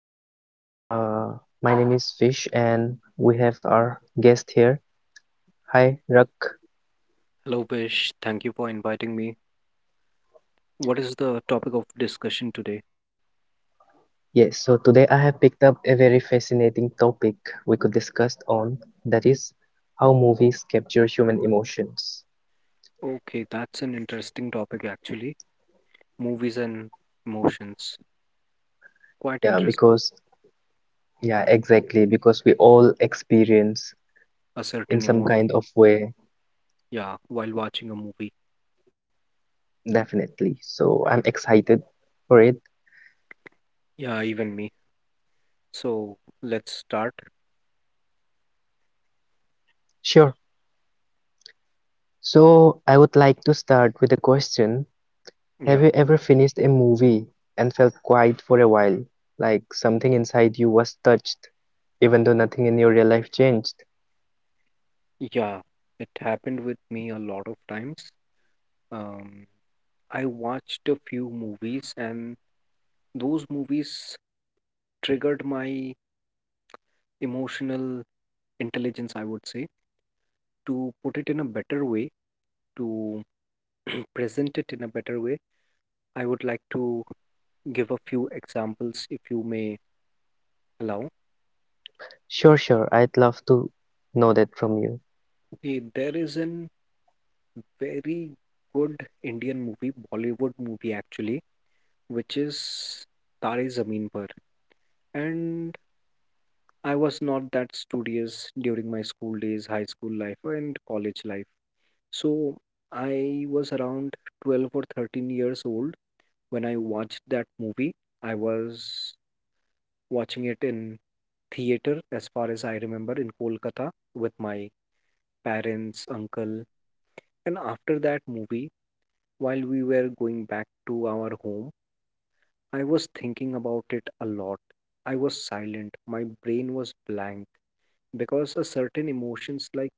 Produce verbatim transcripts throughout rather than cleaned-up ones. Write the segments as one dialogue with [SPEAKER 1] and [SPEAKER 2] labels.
[SPEAKER 1] everyone. Uh, my name is Fish and we have our guest here. Hi, Rak.
[SPEAKER 2] Hello, Vish. Thank you for inviting me. What is the topic of discussion today?
[SPEAKER 1] Yes, so today I have picked up a very fascinating topic we could discuss on, that is how movies capture human emotions.
[SPEAKER 2] Okay, that's an interesting topic actually. Movies and emotions. Quite
[SPEAKER 1] Yeah,
[SPEAKER 2] interesting.
[SPEAKER 1] because yeah, exactly, because we all experience
[SPEAKER 2] A certain
[SPEAKER 1] in some
[SPEAKER 2] emotion.
[SPEAKER 1] kind of way,
[SPEAKER 2] Yeah, while watching a movie.
[SPEAKER 1] definitely. So I'm excited for it.
[SPEAKER 2] Yeah, even me. So let's start.
[SPEAKER 1] Sure. So I would like to start with a question. Have
[SPEAKER 2] Yeah,
[SPEAKER 1] you ever finished a movie and felt quiet for a while, like something inside you was touched, even though nothing in your real life changed?
[SPEAKER 2] yeah. It happened with me a lot of times. Um, I watched a few movies, and those movies triggered my emotional intelligence, I would say. To put it in a better way, to present it in a better way, I would like to give a few examples if you may allow.
[SPEAKER 1] Sure, sure, I'd love to know that from you.
[SPEAKER 2] Okay, there is an very good Indian movie, Bollywood movie actually, which is Tare Zameen Par. And I was not that studious during my school days, high school life, and college life. So I was around twelve or thirteen years old when I watched that movie. I was watching it in theater, as far as I remember, in Kolkata with my parents, uncle. And after that movie, while we were going back to our home, I was thinking about it a lot. I was silent, my brain was blank because a certain emotions, like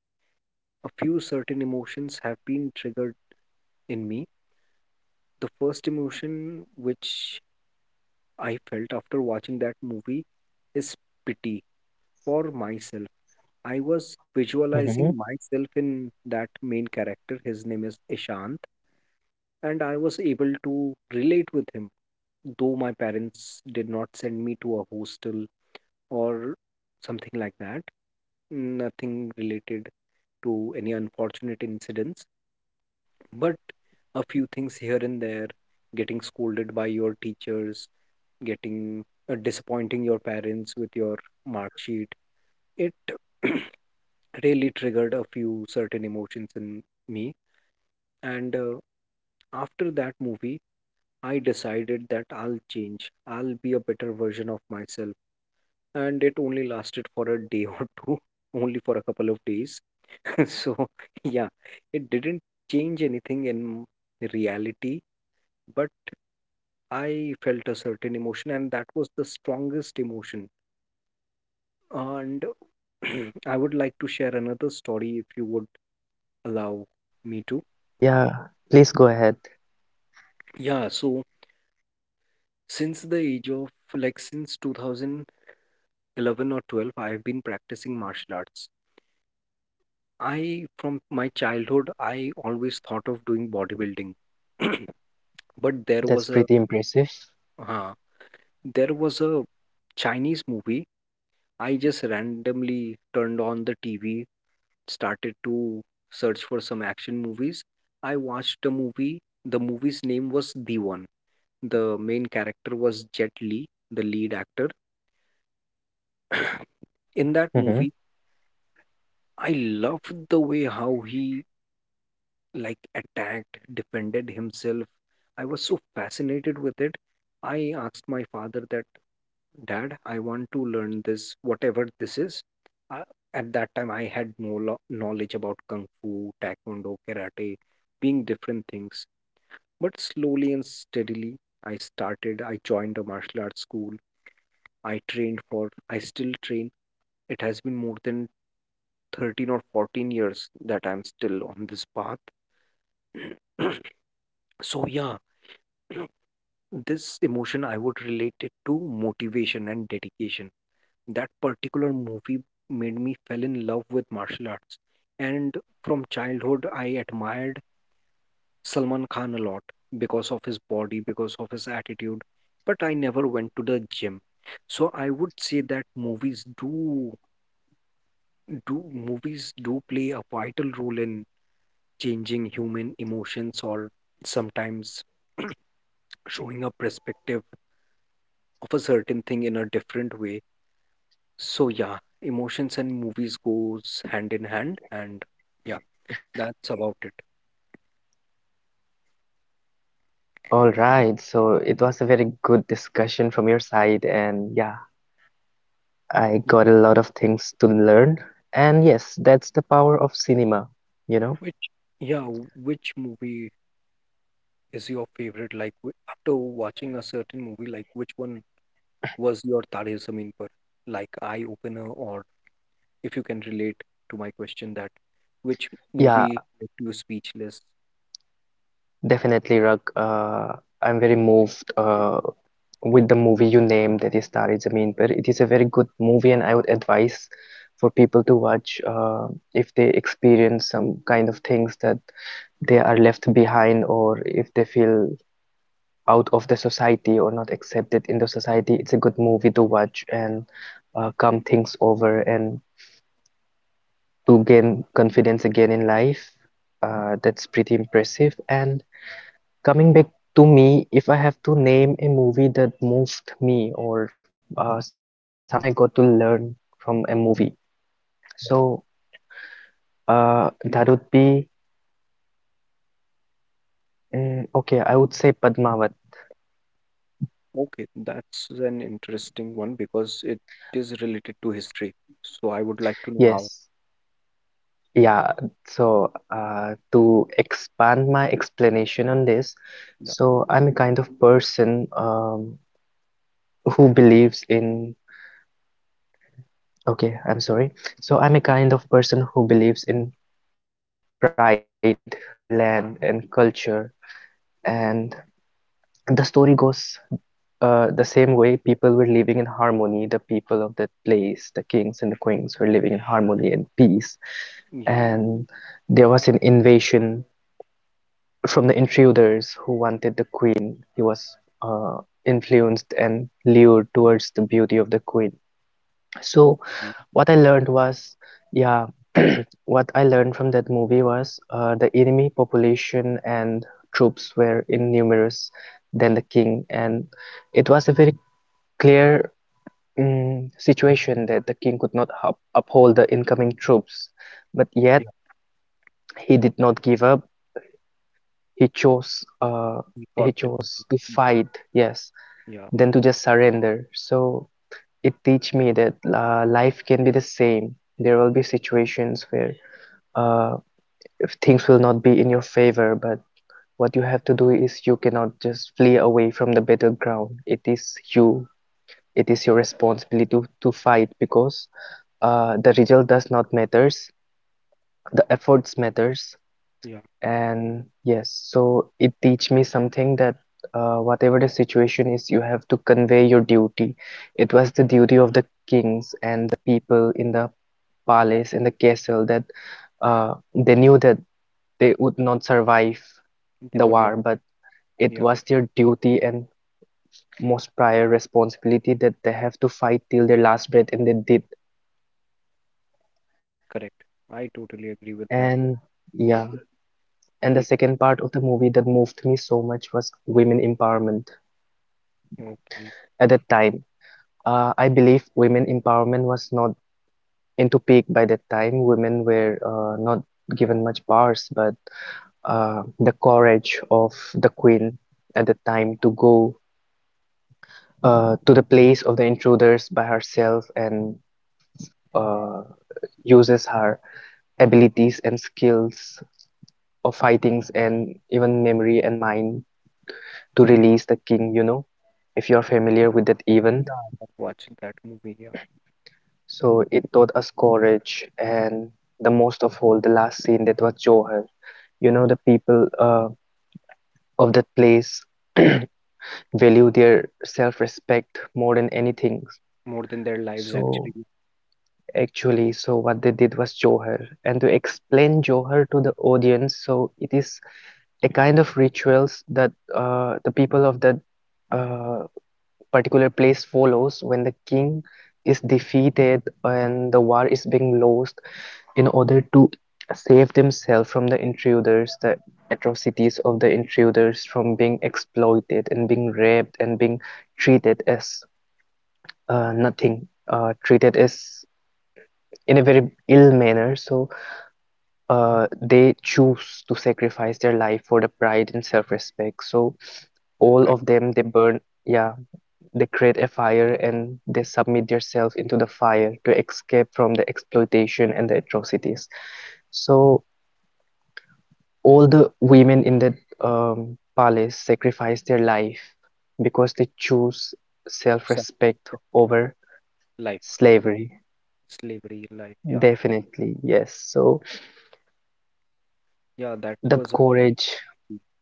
[SPEAKER 2] a few certain emotions, have been triggered in me. The first emotion which I felt after watching that movie is pity for myself. I was
[SPEAKER 1] Hmm.
[SPEAKER 2] visualizing myself in that main character. His name is Ishant, and I was able to relate with him, though my parents did not send me to a hostel or something like that. Nothing related to any unfortunate incidents, but a few things here and there, getting scolded by your teachers, getting uh, disappointing your parents with your mark sheet, it really triggered a few certain emotions in me. And uh, after that movie, I decided that I'll change. I'll be a better version of myself. And it only lasted for a day or two, only for a couple of days. So, yeah, it didn't change anything in reality, but I felt a certain emotion, and that was the strongest emotion. And I would like to share another story if you would allow me to.
[SPEAKER 1] Yeah, please go ahead.
[SPEAKER 2] Yeah, so since the age of, like, since two thousand eleven or twelve, I've been practicing martial arts. I, from my childhood, I always thought of doing bodybuilding. But there
[SPEAKER 1] That's
[SPEAKER 2] was a,
[SPEAKER 1] pretty impressive.
[SPEAKER 2] uh, there was a Chinese movie. I just randomly turned on the T V, started to search for some action movies. I watched a movie. The movie's name was The One. The main character was Jet Li, the lead actor. In that
[SPEAKER 1] Hmm.
[SPEAKER 2] movie, I loved the way how he, like, attacked, defended himself. I was so fascinated with it. I asked my father that, Dad, I want to learn this, whatever this is. Uh, at that time, I had no lo- knowledge about Kung Fu, Taekwondo, Karate, being different things. But slowly and steadily, I started, I joined a martial arts school. I trained for, I still train. It has been more than thirteen or fourteen years that I'm still on this path. So yeah, this emotion I would relate it to motivation and dedication. That particular movie made me fell in love with martial arts. And from childhood I admired Salman Khan a lot because of his body, because of his attitude, but I never went to the gym. So I would say that movies do do movies do play a vital role in changing human emotions or sometimes showing a perspective of a certain thing in a different way. So yeah, emotions and movies goes hand in hand, and yeah, that's about it.
[SPEAKER 1] All right, so it was a very good discussion from your side, and yeah, I got
[SPEAKER 2] You-
[SPEAKER 1] a lot of things to learn. And yes, that's the power of cinema, you know?
[SPEAKER 2] Which, yeah, which movie is your favorite? Like, wh- after watching a certain movie, like which one was your Tare Zameen Par, like, eye opener, or if you can relate to my question that which
[SPEAKER 1] Yeah,
[SPEAKER 2] movie left you speechless?
[SPEAKER 1] definitely, Rug. Uh, I'm very moved uh, with the movie you named, that is Tare Zameen Par. It is a very good movie, and I would advise for people to watch, uh, if they experience some kind of things that they are left behind, or if they feel out of the society or not accepted in the society. It's a good movie to watch and uh, calm things over and to gain confidence again in life. Uh, that's pretty impressive. And coming back to me, if I have to name a movie that moved me, or uh, something I got to learn from a movie, so uh, that would be, mm, okay. I would say Padmavat.
[SPEAKER 2] Okay, that's an interesting one because it is related to history. So I would like to know how.
[SPEAKER 1] Yes, yeah. So uh, to expand my explanation on this, so I'm a kind of person um, who believes in. Okay, I'm sorry. So I'm a kind of person who believes in pride of their land and culture, and the story goes, uh, the same way, people were living in harmony, the people of that place, the kings and the queens, were living in harmony and peace.
[SPEAKER 2] Yeah.
[SPEAKER 1] And there was an invasion from the intruders who wanted the queen. He was uh, influenced and lured towards the beauty of the queen. So
[SPEAKER 2] Oh,
[SPEAKER 1] what I learned was, yeah, what I learned from that movie was, uh, the enemy population and troops were in numerous than the king, and it was a very clear mm situation that the king could not up uphold the incoming troops, but
[SPEAKER 2] yeah,
[SPEAKER 1] yet he did not give up. He chose uh,
[SPEAKER 2] we got
[SPEAKER 1] he
[SPEAKER 2] to be
[SPEAKER 1] chose to
[SPEAKER 2] careful.
[SPEAKER 1] fight, yes,
[SPEAKER 2] yeah,
[SPEAKER 1] than to just surrender. So it teach me that, uh, life can be the same. There will be situations where, uh, if things will not be in your favor, but what you have to do is you cannot just flee away from the battleground. It is you, it is your responsibility to, to fight because, uh, the result does not matters, the efforts matters.
[SPEAKER 2] yeah.
[SPEAKER 1] And yes, so it teach me something, that uh, whatever the situation is, you have to convey your duty. It was the duty of the kings and the people in the palace, in the castle, that uh, they knew that they would not survive
[SPEAKER 2] They
[SPEAKER 1] the
[SPEAKER 2] would not.
[SPEAKER 1] war, but it
[SPEAKER 2] Yeah,
[SPEAKER 1] was their duty and most prior responsibility that they have to fight till their last breath, and they did.
[SPEAKER 2] correct. I totally agree with
[SPEAKER 1] And
[SPEAKER 2] that.
[SPEAKER 1] yeah, and the second
[SPEAKER 2] We can.
[SPEAKER 1] part of the movie that moved me so much was women empowerment.
[SPEAKER 2] Okay.
[SPEAKER 1] At that time, uh, I believe women empowerment was not into peak by that time. Women were uh, not given much powers, but uh, the courage of the queen at the time to go uh, to the place of the intruders by herself, and uh, uses her abilities and skills of fightings and even memory and mind to release the king, you know, if you're familiar with that
[SPEAKER 2] Yeah,
[SPEAKER 1] event.
[SPEAKER 2] I watched that movie. Yeah,
[SPEAKER 1] So it taught us courage, and the most of all, the last scene that was Johar. You know, the people uh, of that place value their self-respect more than anything.
[SPEAKER 2] more than their lives
[SPEAKER 1] So
[SPEAKER 2] actually.
[SPEAKER 1] actually, so what they did was Johar, and to explain Johar to the audience, so it is a kind of rituals that uh, the people of that uh, particular place follows when the king is defeated and the war is being lost, in order to save themselves from the intruders, the atrocities of the intruders, from being exploited and being raped and being treated as uh, nothing, uh, treated as in a very ill manner. So uh, they choose to sacrifice their life for the pride and self-respect. So all
[SPEAKER 2] Correct.
[SPEAKER 1] of them, they burn. Yeah, they create a fire and they submit themselves into the fire to escape from the exploitation and the atrocities. So all the women in that um, palace sacrifice their life, because they choose
[SPEAKER 2] Sa-
[SPEAKER 1] self-respect over
[SPEAKER 2] Life,
[SPEAKER 1] slavery.
[SPEAKER 2] slavery, life. Yeah,
[SPEAKER 1] Definitely, yes. So
[SPEAKER 2] yeah. That
[SPEAKER 1] that
[SPEAKER 2] was a.
[SPEAKER 1] courage,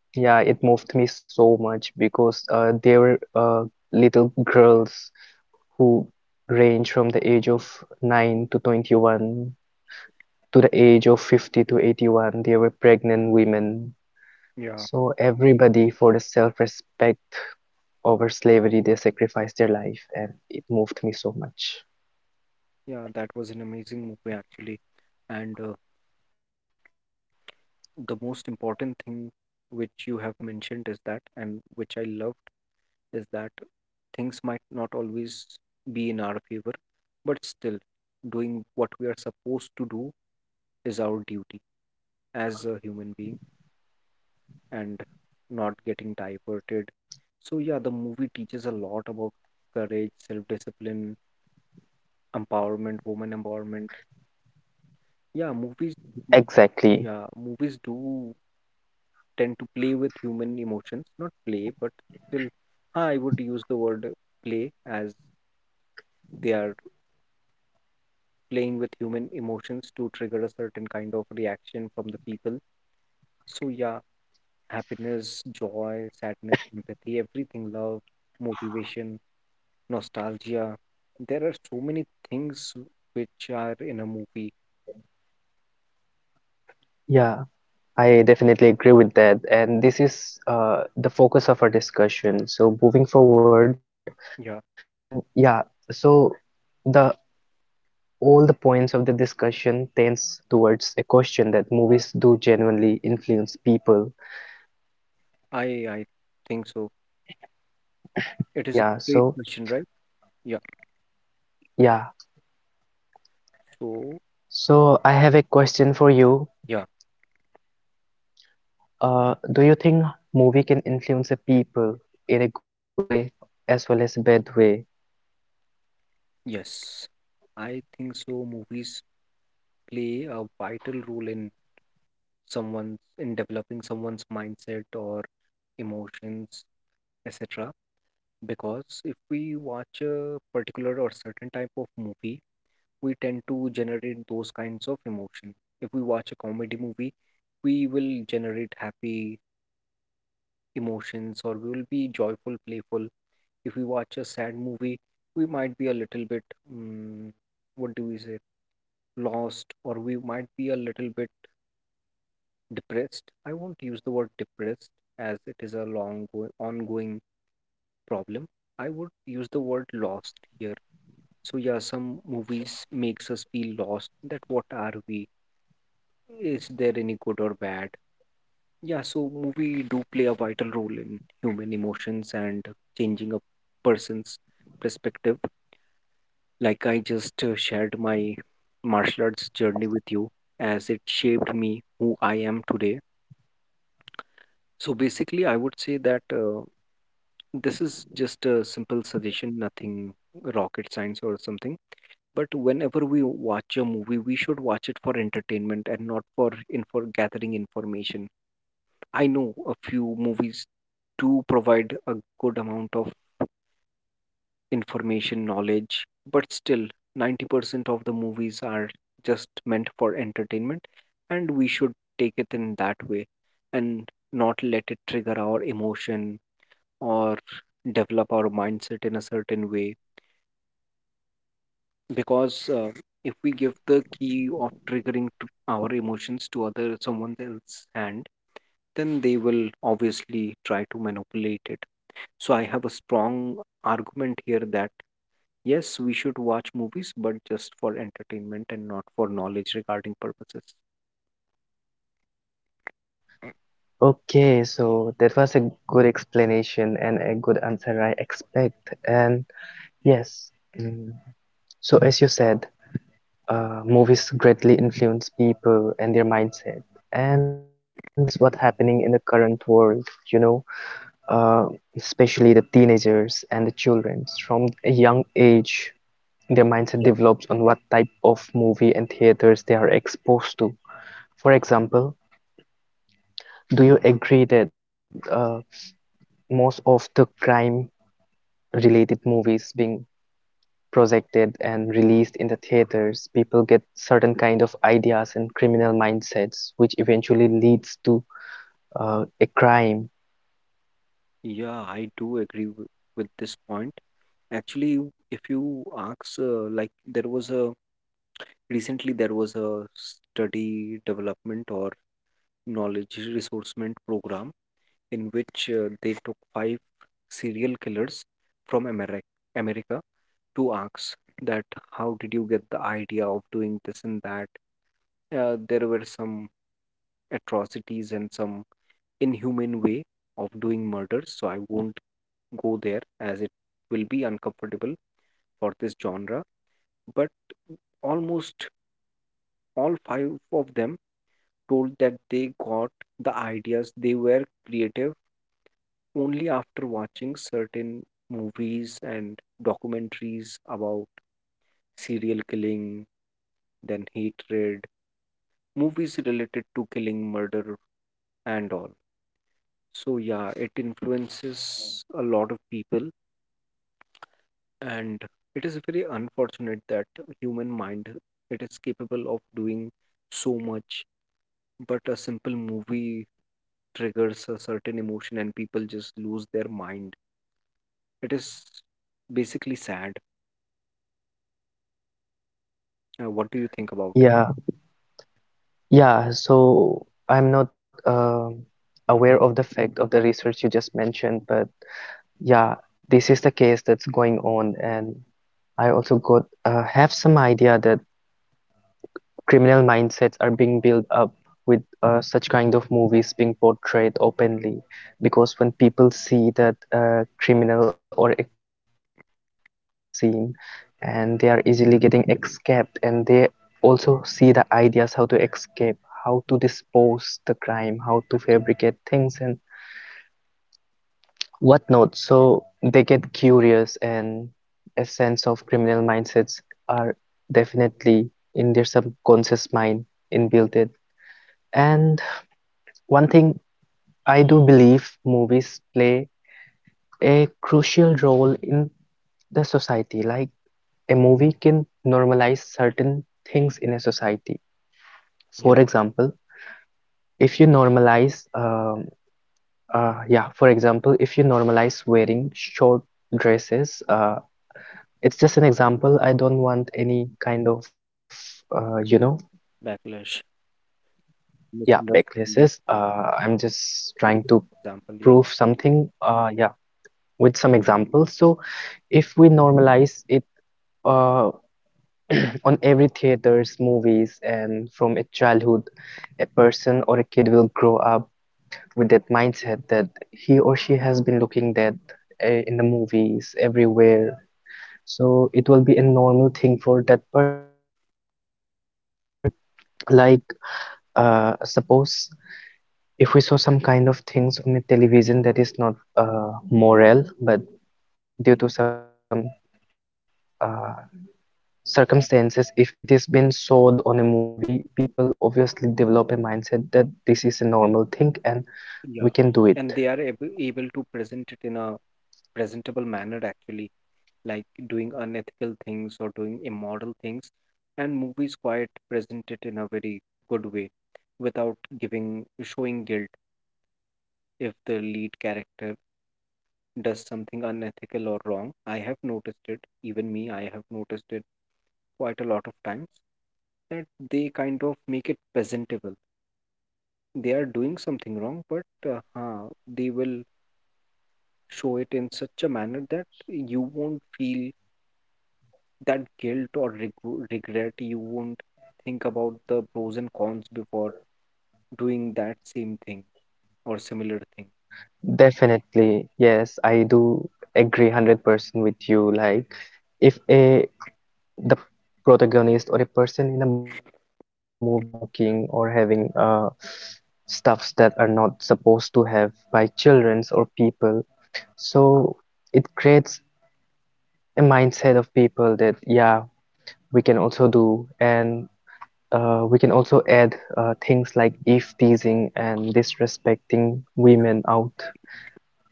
[SPEAKER 1] yeah, it moved me so much because uh, they were, uh, little girls who range from the age of nine to twenty-one to the age of fifty to eighty-one. They were pregnant women.
[SPEAKER 2] Yeah,
[SPEAKER 1] So everybody, for the self-respect over slavery, they sacrificed their life, and it moved me so much.
[SPEAKER 2] yeah. That was an amazing movie actually, and. Uh, the most important thing which you have mentioned, is that, and which I loved, is that things might not always be in our favor, but still, doing what we are supposed to do is our duty as a human being and not getting diverted. So, yeah, the movie teaches a lot about courage, self discipline, empowerment, woman empowerment. Yeah, movies,
[SPEAKER 1] Exactly.
[SPEAKER 2] do- yeah, movies do tend to play with human emotions, not play, but still I would use the word play as they are playing with human emotions to trigger a certain kind of reaction from the people. So yeah, happiness, joy, sadness, empathy, everything, love, motivation, nostalgia, there are so many things which are in a movie.
[SPEAKER 1] Yeah, I definitely agree with that. And this is, uh, the focus of our discussion. So moving forward, mm,
[SPEAKER 2] Yeah,
[SPEAKER 1] yeah, so the all the points of the discussion tends towards a question that movies do genuinely influence people.
[SPEAKER 2] i i think so.
[SPEAKER 1] Yeah,
[SPEAKER 2] It is a
[SPEAKER 1] so
[SPEAKER 2] great question, right? Yeah,
[SPEAKER 1] yeah.
[SPEAKER 2] so
[SPEAKER 1] So I have a question for you.
[SPEAKER 2] yeah.
[SPEAKER 1] Uh, do you think movie can influence a people in a good way as well as a bad way?
[SPEAKER 2] Yes, I think so. Movies play a vital role in someone's in developing someone's mindset or emotions, et cetera. Because if we watch a particular or certain type of movie, we tend to generate those kinds of emotion. If we watch a comedy movie, we will generate happy emotions or we will be joyful, playful. If we watch a sad movie, we might be a little bit, mm, what do we say, lost, or we might be a little bit depressed. I won't use the word depressed as it is a long go- ongoing problem. I would use the word lost here. So yeah, some movies makes us feel lost, that what are we? Is there any good or bad? Yeah, so movie do play a vital role in human emotions and changing a person's perspective. Like I just uh, shared my martial arts journey with you as it shaped me who I am today. So basically, I would say that uh, this is just a simple suggestion, nothing rocket science or something. But whenever we watch a movie, we should watch it for entertainment and not for in for gathering information. I know a few movies do provide a good amount of information, knowledge, but still, ninety percent of the movies are just meant for entertainment, and we should take it in that way and not let it trigger our emotion or develop our mindset in a certain way. Because uh, if we give the key of triggering to our emotions to other someone else's hand, then they will obviously try to manipulate it. So I have a strong argument here that yes, we should watch movies, but just for entertainment and not for knowledge regarding purposes.
[SPEAKER 1] Okay, so that was a good explanation and a good answer I expect. And yes, mm, so as you said, uh, movies greatly influence people and their mindset, and this is what's happening in the current world, you know uh, especially the teenagers and the children. From a young age, their mindset develops on what type of movie and theaters they are exposed to. For example, do you agree that, uh, most of the crime related movies being projected and released in the theaters, people get certain kind of ideas and criminal mindsets, which eventually leads to, uh, a crime.
[SPEAKER 2] Yeah, I do agree w- with this point. Actually, if you ask, uh, like there was a, recently there was a study development or knowledge resourcement program in which uh, they took five serial killers from America, America, to ask that how did you get the idea of doing this and that. Uh, there were some atrocities and some inhumane way of doing murders, so I won't go there as it will be uncomfortable for this genre. But almost all five of them told that they got the ideas, they were creative only after watching certain movies and documentaries about serial killing, then hatred, movies related to killing, murder, and all. So, yeah, it influences a lot of people, and it is very unfortunate that human mind, it is capable of doing so much, but a simple movie triggers a certain emotion and people just lose their mind. It is basically sad. Uh, what do you think about
[SPEAKER 1] Yeah, yeah. So I'm not um aware of the fact of the research you just mentioned, but yeah, this is the case that's going on, and I also got uh, have some idea that criminal mindsets are being built up with uh, such kind of movies being portrayed openly, because when people see that a criminal or a person who is doing this scene, and they are easily getting escaped, and they also see the ideas how to escape, how to dispose the crime, how to fabricate
[SPEAKER 2] it?
[SPEAKER 1] things and whatnot, so they get curious, and a sense of criminal mindsets are definitely in their subconscious mind inbuilt it. And one thing, I do believe movies play a crucial role in the society. Like, a movie can normalize certain things in a society. For
[SPEAKER 2] Yeah,
[SPEAKER 1] example, if you normalize, um, uh, yeah, for example, if you normalize wearing short dresses, uh, it's just an example. I don't want any kind of, uh, you know,
[SPEAKER 2] backlash,
[SPEAKER 1] yeah, backlashes.
[SPEAKER 2] misunderstanding.
[SPEAKER 1] Uh, I'm just trying to
[SPEAKER 2] Example,
[SPEAKER 1] prove
[SPEAKER 2] yeah,
[SPEAKER 1] something. Uh, yeah. with some examples. So if we normalize it, uh, on every theaters, movies, and from a childhood, a person or a kid will grow up with that mindset that he or she has been looking, that uh, in the movies everywhere. So it will be a normal thing for that person. Even, like uh, suppose, if we saw some kind of things on the television that is not uh, moral, but due to
[SPEAKER 2] y-
[SPEAKER 1] some uh, circumstances, if it has been showed on a movie, people obviously develop a mindset that this is a normal thing, and we can do it.
[SPEAKER 2] yeah, and they are ab- able to present it in a presentable manner actually, like doing unethical things or doing immoral things, and movies quite present it in a very good way, without giving showing guilt if the lead character does something unethical or wrong. I have noticed it, even me, I have noticed it quite a lot of times that they kind of make it presentable. They are doing something wrong, but uh, huh, they will show it in such a manner that you won't feel that guilt or reg- regret. You won't think about the pros and cons before doing that same thing or similar thing.
[SPEAKER 1] Definitely, yes, I do agree one hundred percent with you. Like, if a the protagonist or a person in a movie is on smoking or having uh stuffs that are not supposed to have by childrens or people, so it creates a mindset of people that, yeah, we can also do. And Uh, we can also add uh, things like if teasing and disrespecting women out.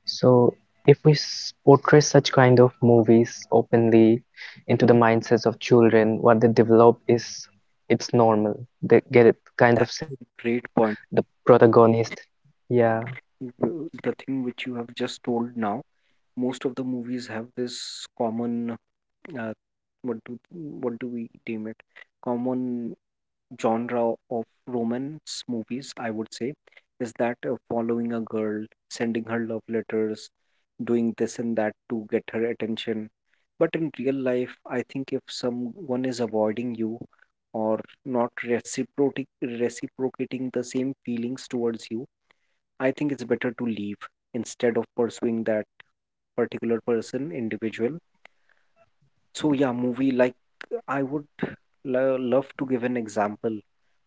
[SPEAKER 1] So, if we portray such kind of movies openly into the mindsets of children, what they develop is it's normal. They get a kind of
[SPEAKER 2] That's a
[SPEAKER 1] sense that
[SPEAKER 2] great point.
[SPEAKER 1] the protagonist, yeah,
[SPEAKER 2] W- The thing which you have just told now, most of the movies have this common, uh, what do, what do we deem it, common genre of romance movies, I would say, is that, uh, following a girl, sending her love letters, doing this and that to get her attention, but in real life I think if someone is avoiding you or not reciprocating reciprocating the same feelings towards you, I think it's better to leave instead of pursuing that particular person, individual. So yeah, movie like I would lo- love to give an example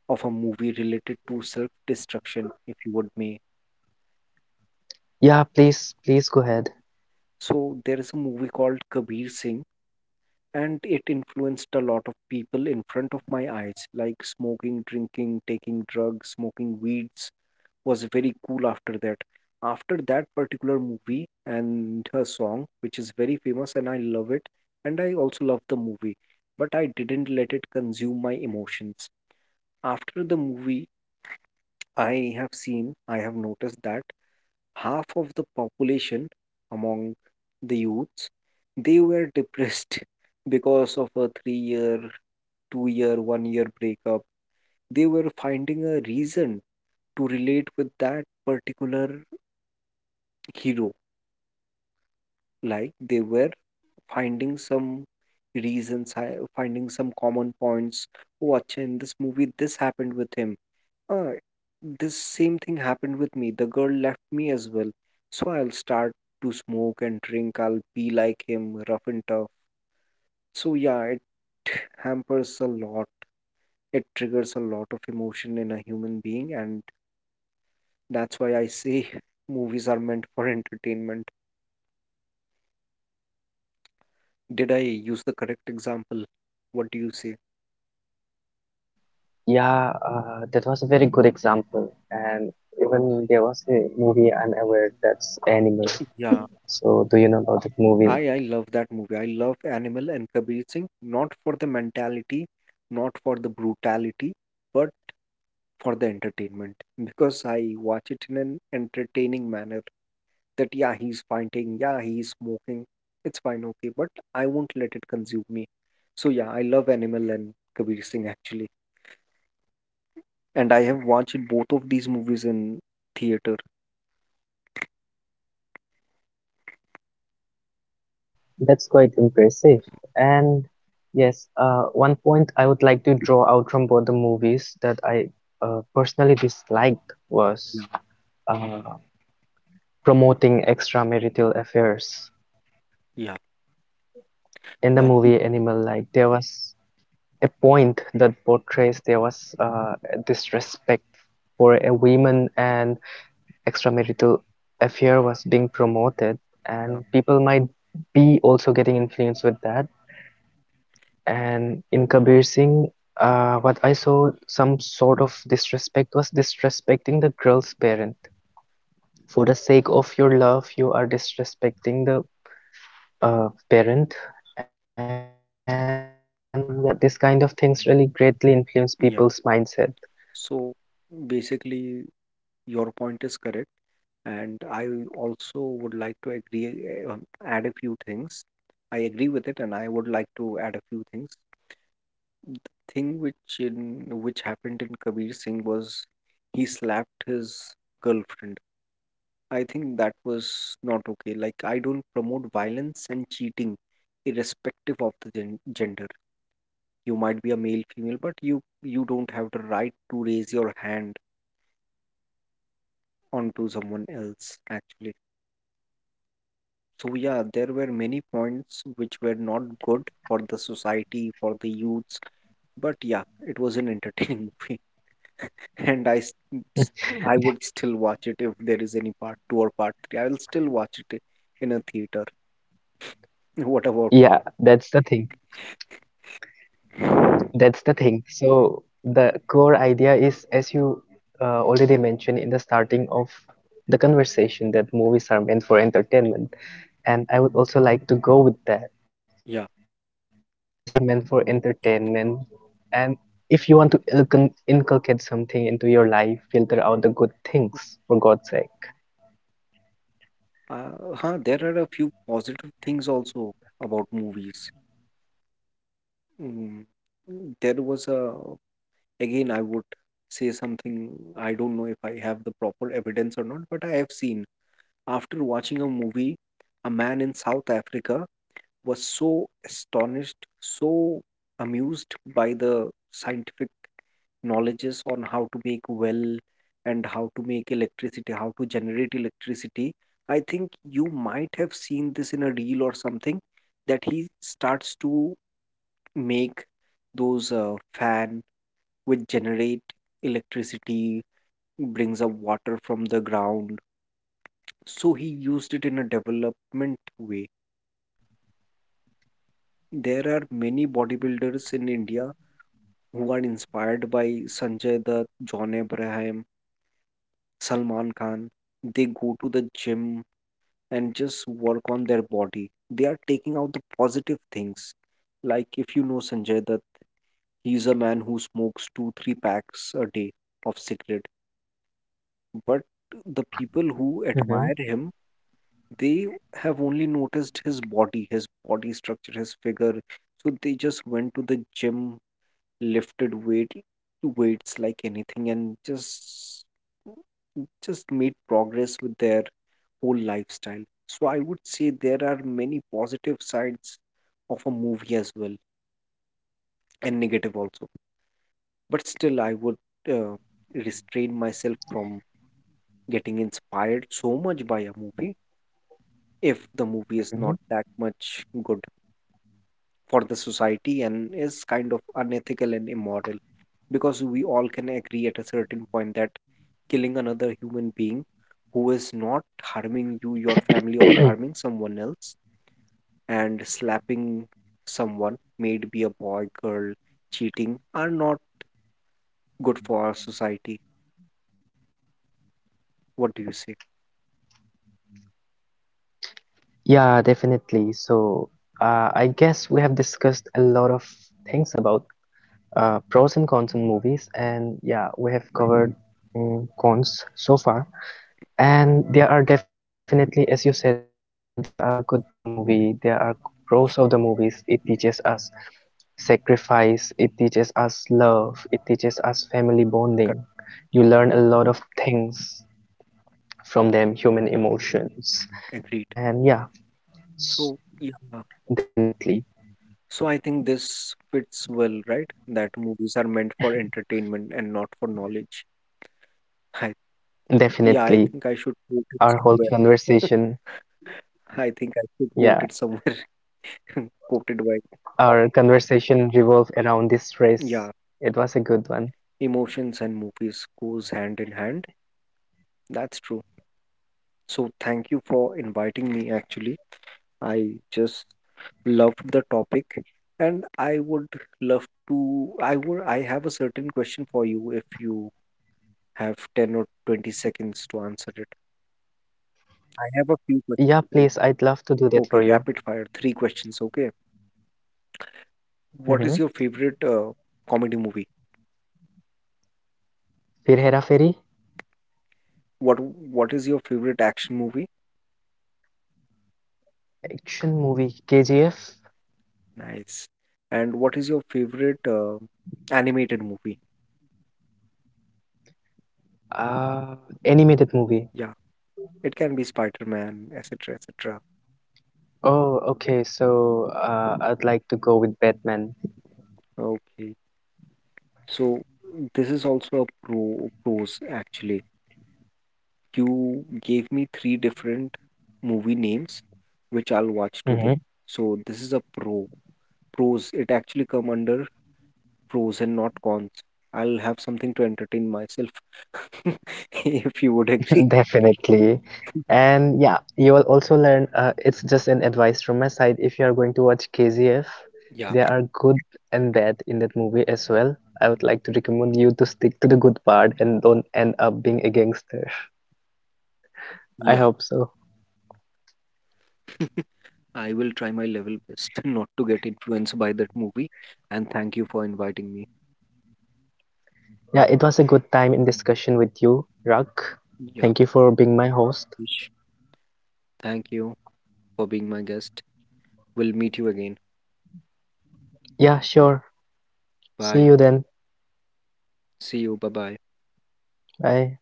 [SPEAKER 2] of a movie related to self-destruction, if you would may.
[SPEAKER 1] yeah, please, please go ahead.
[SPEAKER 2] So there is a movie called Kabir Singh, and it influenced a lot of people in front of my eyes, like smoking, drinking, taking drugs, smoking weeds, was very cool after that. After that particular movie and her song, which is very famous, and I love it, and I also love the movie, but I didn't let it consume my emotions. After the movie, I have seen, I have noticed that half of the population among the youths, they were depressed because of a three year, two year, one year breakup. They were finding a reason to relate with that particular hero. Like they were finding some reasons, hi- finding some common points. Oh, acha, in this movie, this happened with him. Ah, this same thing happened with me. The girl left me as well. So I'll start to smoke and drink. I'll be like him, rough and tough. So yeah, it hampers a lot. It triggers a lot of emotion in a human being, and that's why I say movies are meant for entertainment. Did I use the correct example? What do you say?
[SPEAKER 1] Yeah, uh, that was a very good example. And even there was a movie I'm aware, that's Animal.
[SPEAKER 2] Yeah,
[SPEAKER 1] So, do you know about that
[SPEAKER 2] I
[SPEAKER 1] movie?
[SPEAKER 2] I love that movie. I love Animal and Kabir Singh, not for the mentality, not for the brutality, but for the entertainment. Because I watch it in an entertaining manner. That yeah, he's fighting, yeah, he's smoking. It's fine, okay, but I won't let it consume me. So yeah, I love Animal and Kabir Singh actually, and I have watched both of these movies in theater.
[SPEAKER 1] That's quite impressive. And yes, uh, one point I would like to draw out from both the movies that I uh, personally disliked
[SPEAKER 2] Yeah,
[SPEAKER 1] was uh, promoting extramarital affairs.
[SPEAKER 2] yeah,
[SPEAKER 1] In the
[SPEAKER 2] yeah.
[SPEAKER 1] movie Animal, like, there was a point that portrays there was uh, a disrespect for a woman and extramarital affair was being promoted,
[SPEAKER 2] Yeah.
[SPEAKER 1] and people might be also getting influenced with that. And in Kabir Singh, uh, what I saw, some sort of disrespect was disrespecting the girl's parent. For the sake of your love, you are disrespecting the, uh, parent. And yeah, this kind of things really greatly influence people's mindset.
[SPEAKER 2] Yeah. So basically. Your point is correct, and I also would like to agree, uh, add a few things. I agree with it, and I would like to add a few things. The thing which in which happened in Kabir Singh was he slapped his girlfriend. I think that was not okay. Like I don't promote violence and cheating, irrespective of the gen gender. You might be a male, female, but you you don't have the right to raise your hand onto someone else actually. So yeah, there were many points which were not good for the society, for the youths, but yeah, it was an entertaining movie, and i s- s- I would still watch it. If there is any part two or part three, I will still watch it in a theater. What about
[SPEAKER 1] Yeah, that's the thing. That's the thing. So the core idea is, as you uh, already mentioned in the starting of the conversation, that movies are meant for entertainment. And I would also like to go with that,
[SPEAKER 2] yeah,
[SPEAKER 1] that movies are meant for entertainment. And if you want to ilcon- inculcate something into your life, filter out the good things, for God's sake.
[SPEAKER 2] uh, huh there are a few positive things also about movies. mm. There was a, again, I would say something, I don't know if I have the proper evidence or not, but I have seen after watching a movie, a man in South Africa was so astonished, so amused by the scientific knowledges on how to make well and how to make electricity, how to generate electricity. I think you might have seen this in a reel or something that he starts to make those uh, fan which generate electricity, brings up water from the ground. So he used it in a development way. There are many bodybuilders in India who are inspired by Sanjay Dutt, John Abraham, Salman Khan. They go to the gym and just work on their body. They are taking out the positive things. Like if you know Sanjay Dutt, he's a man who smokes two, three packs a day of cigarette. But the people who admire him,
[SPEAKER 1] Hmm.
[SPEAKER 2] they have only noticed his body, his body structure, his figure. So they just went to the gym, lifted weight, weights like anything, and just just made progress with their whole lifestyle. So I would say there are many positive sides of a movie as well, and negative also. But still, I would uh, restrain myself from getting inspired so much by a movie if the movie is not that
[SPEAKER 1] Hmm.
[SPEAKER 2] much good for the society and is kind of unethical and immoral, because we all can agree at a certain point that killing another human being who is not harming you, your family, or harming someone else, and slapping someone, may it be a boy, girl, cheating, are not good for our society. What do you say?
[SPEAKER 1] Yeah, definitely. So, uh, I guess we have discussed a lot of things about, uh, pros and cons in movies, and yeah, we have covered, mm, cons so far. And there are definitely, as you said, there are good parts of the movie, there are pros of the movies. It teaches us sacrifice. It teaches us love. It teaches us family bonding.
[SPEAKER 2] Correct.
[SPEAKER 1] You learn a lot of things from them, human emotions.
[SPEAKER 2] Agreed.
[SPEAKER 1] And yeah,
[SPEAKER 2] So, yeah.
[SPEAKER 1] definitely,
[SPEAKER 2] So I think this fits well, right? That movies are meant for entertainment and not for knowledge. I, yeah, I
[SPEAKER 1] definitely.
[SPEAKER 2] think I should quote it
[SPEAKER 1] Our whole
[SPEAKER 2] somewhere.
[SPEAKER 1] conversation,
[SPEAKER 2] I think I should quote
[SPEAKER 1] yeah,
[SPEAKER 2] it somewhere. Quoted by.
[SPEAKER 1] our conversation revolved around this
[SPEAKER 2] Yeah,
[SPEAKER 1] race. It was a good one.
[SPEAKER 2] emotions and movies goes hand in hand. That's true. So thank you for inviting me actually. I just loved the topic and I would love to, I would, I have a certain question for you if you have ten or twenty seconds to answer it. I have
[SPEAKER 1] Yeah,
[SPEAKER 2] a few
[SPEAKER 1] please,
[SPEAKER 2] questions.
[SPEAKER 1] I'd love
[SPEAKER 2] For you.
[SPEAKER 1] to do that for you.
[SPEAKER 2] Okay, rapid fire, three questions, okay?
[SPEAKER 1] Mm-hmm.
[SPEAKER 2] What is your favorite uh, comedy movie?
[SPEAKER 1] Fir Hera Fairy,
[SPEAKER 2] What What is your favorite action movie?
[SPEAKER 1] action movie, K G F,
[SPEAKER 2] Nice. And what is your favorite uh, animated movie?
[SPEAKER 1] uh, animated movie.
[SPEAKER 2] Yeah, it can be Spider-Man, et cetera, et cetera.
[SPEAKER 1] Oh, okay. So, uh, I'd like to go with Batman.
[SPEAKER 2] Okay. So this is also a pro pros actually. You gave me three different movie names, which I'll watch today.
[SPEAKER 1] Mm-hmm.
[SPEAKER 2] So this is a pro pros. It actually come under pros and not cons. I'll have something to entertain myself if you would agree.
[SPEAKER 1] Definitely. And yeah, you will also learn, uh, it's just an advice from my side. If you are going to watch K Z F,
[SPEAKER 2] Yeah,
[SPEAKER 1] there are good and bad in that movie as well. I would like to recommend you to stick to the good part and don't end up being a gangster. I
[SPEAKER 2] yeah.
[SPEAKER 1] hope so.
[SPEAKER 2] I will try my level best not to get influenced by that movie. And thank you for inviting me.
[SPEAKER 1] Yeah, it was a good time in discussion with you, Rak.
[SPEAKER 2] Yeah,
[SPEAKER 1] Thank you for being my host.
[SPEAKER 2] Ish, thank you for being my guest. We'll meet you again.
[SPEAKER 1] Yeah, sure. See
[SPEAKER 2] Bye.
[SPEAKER 1] you then.
[SPEAKER 2] See you. Bye bye.
[SPEAKER 1] Bye.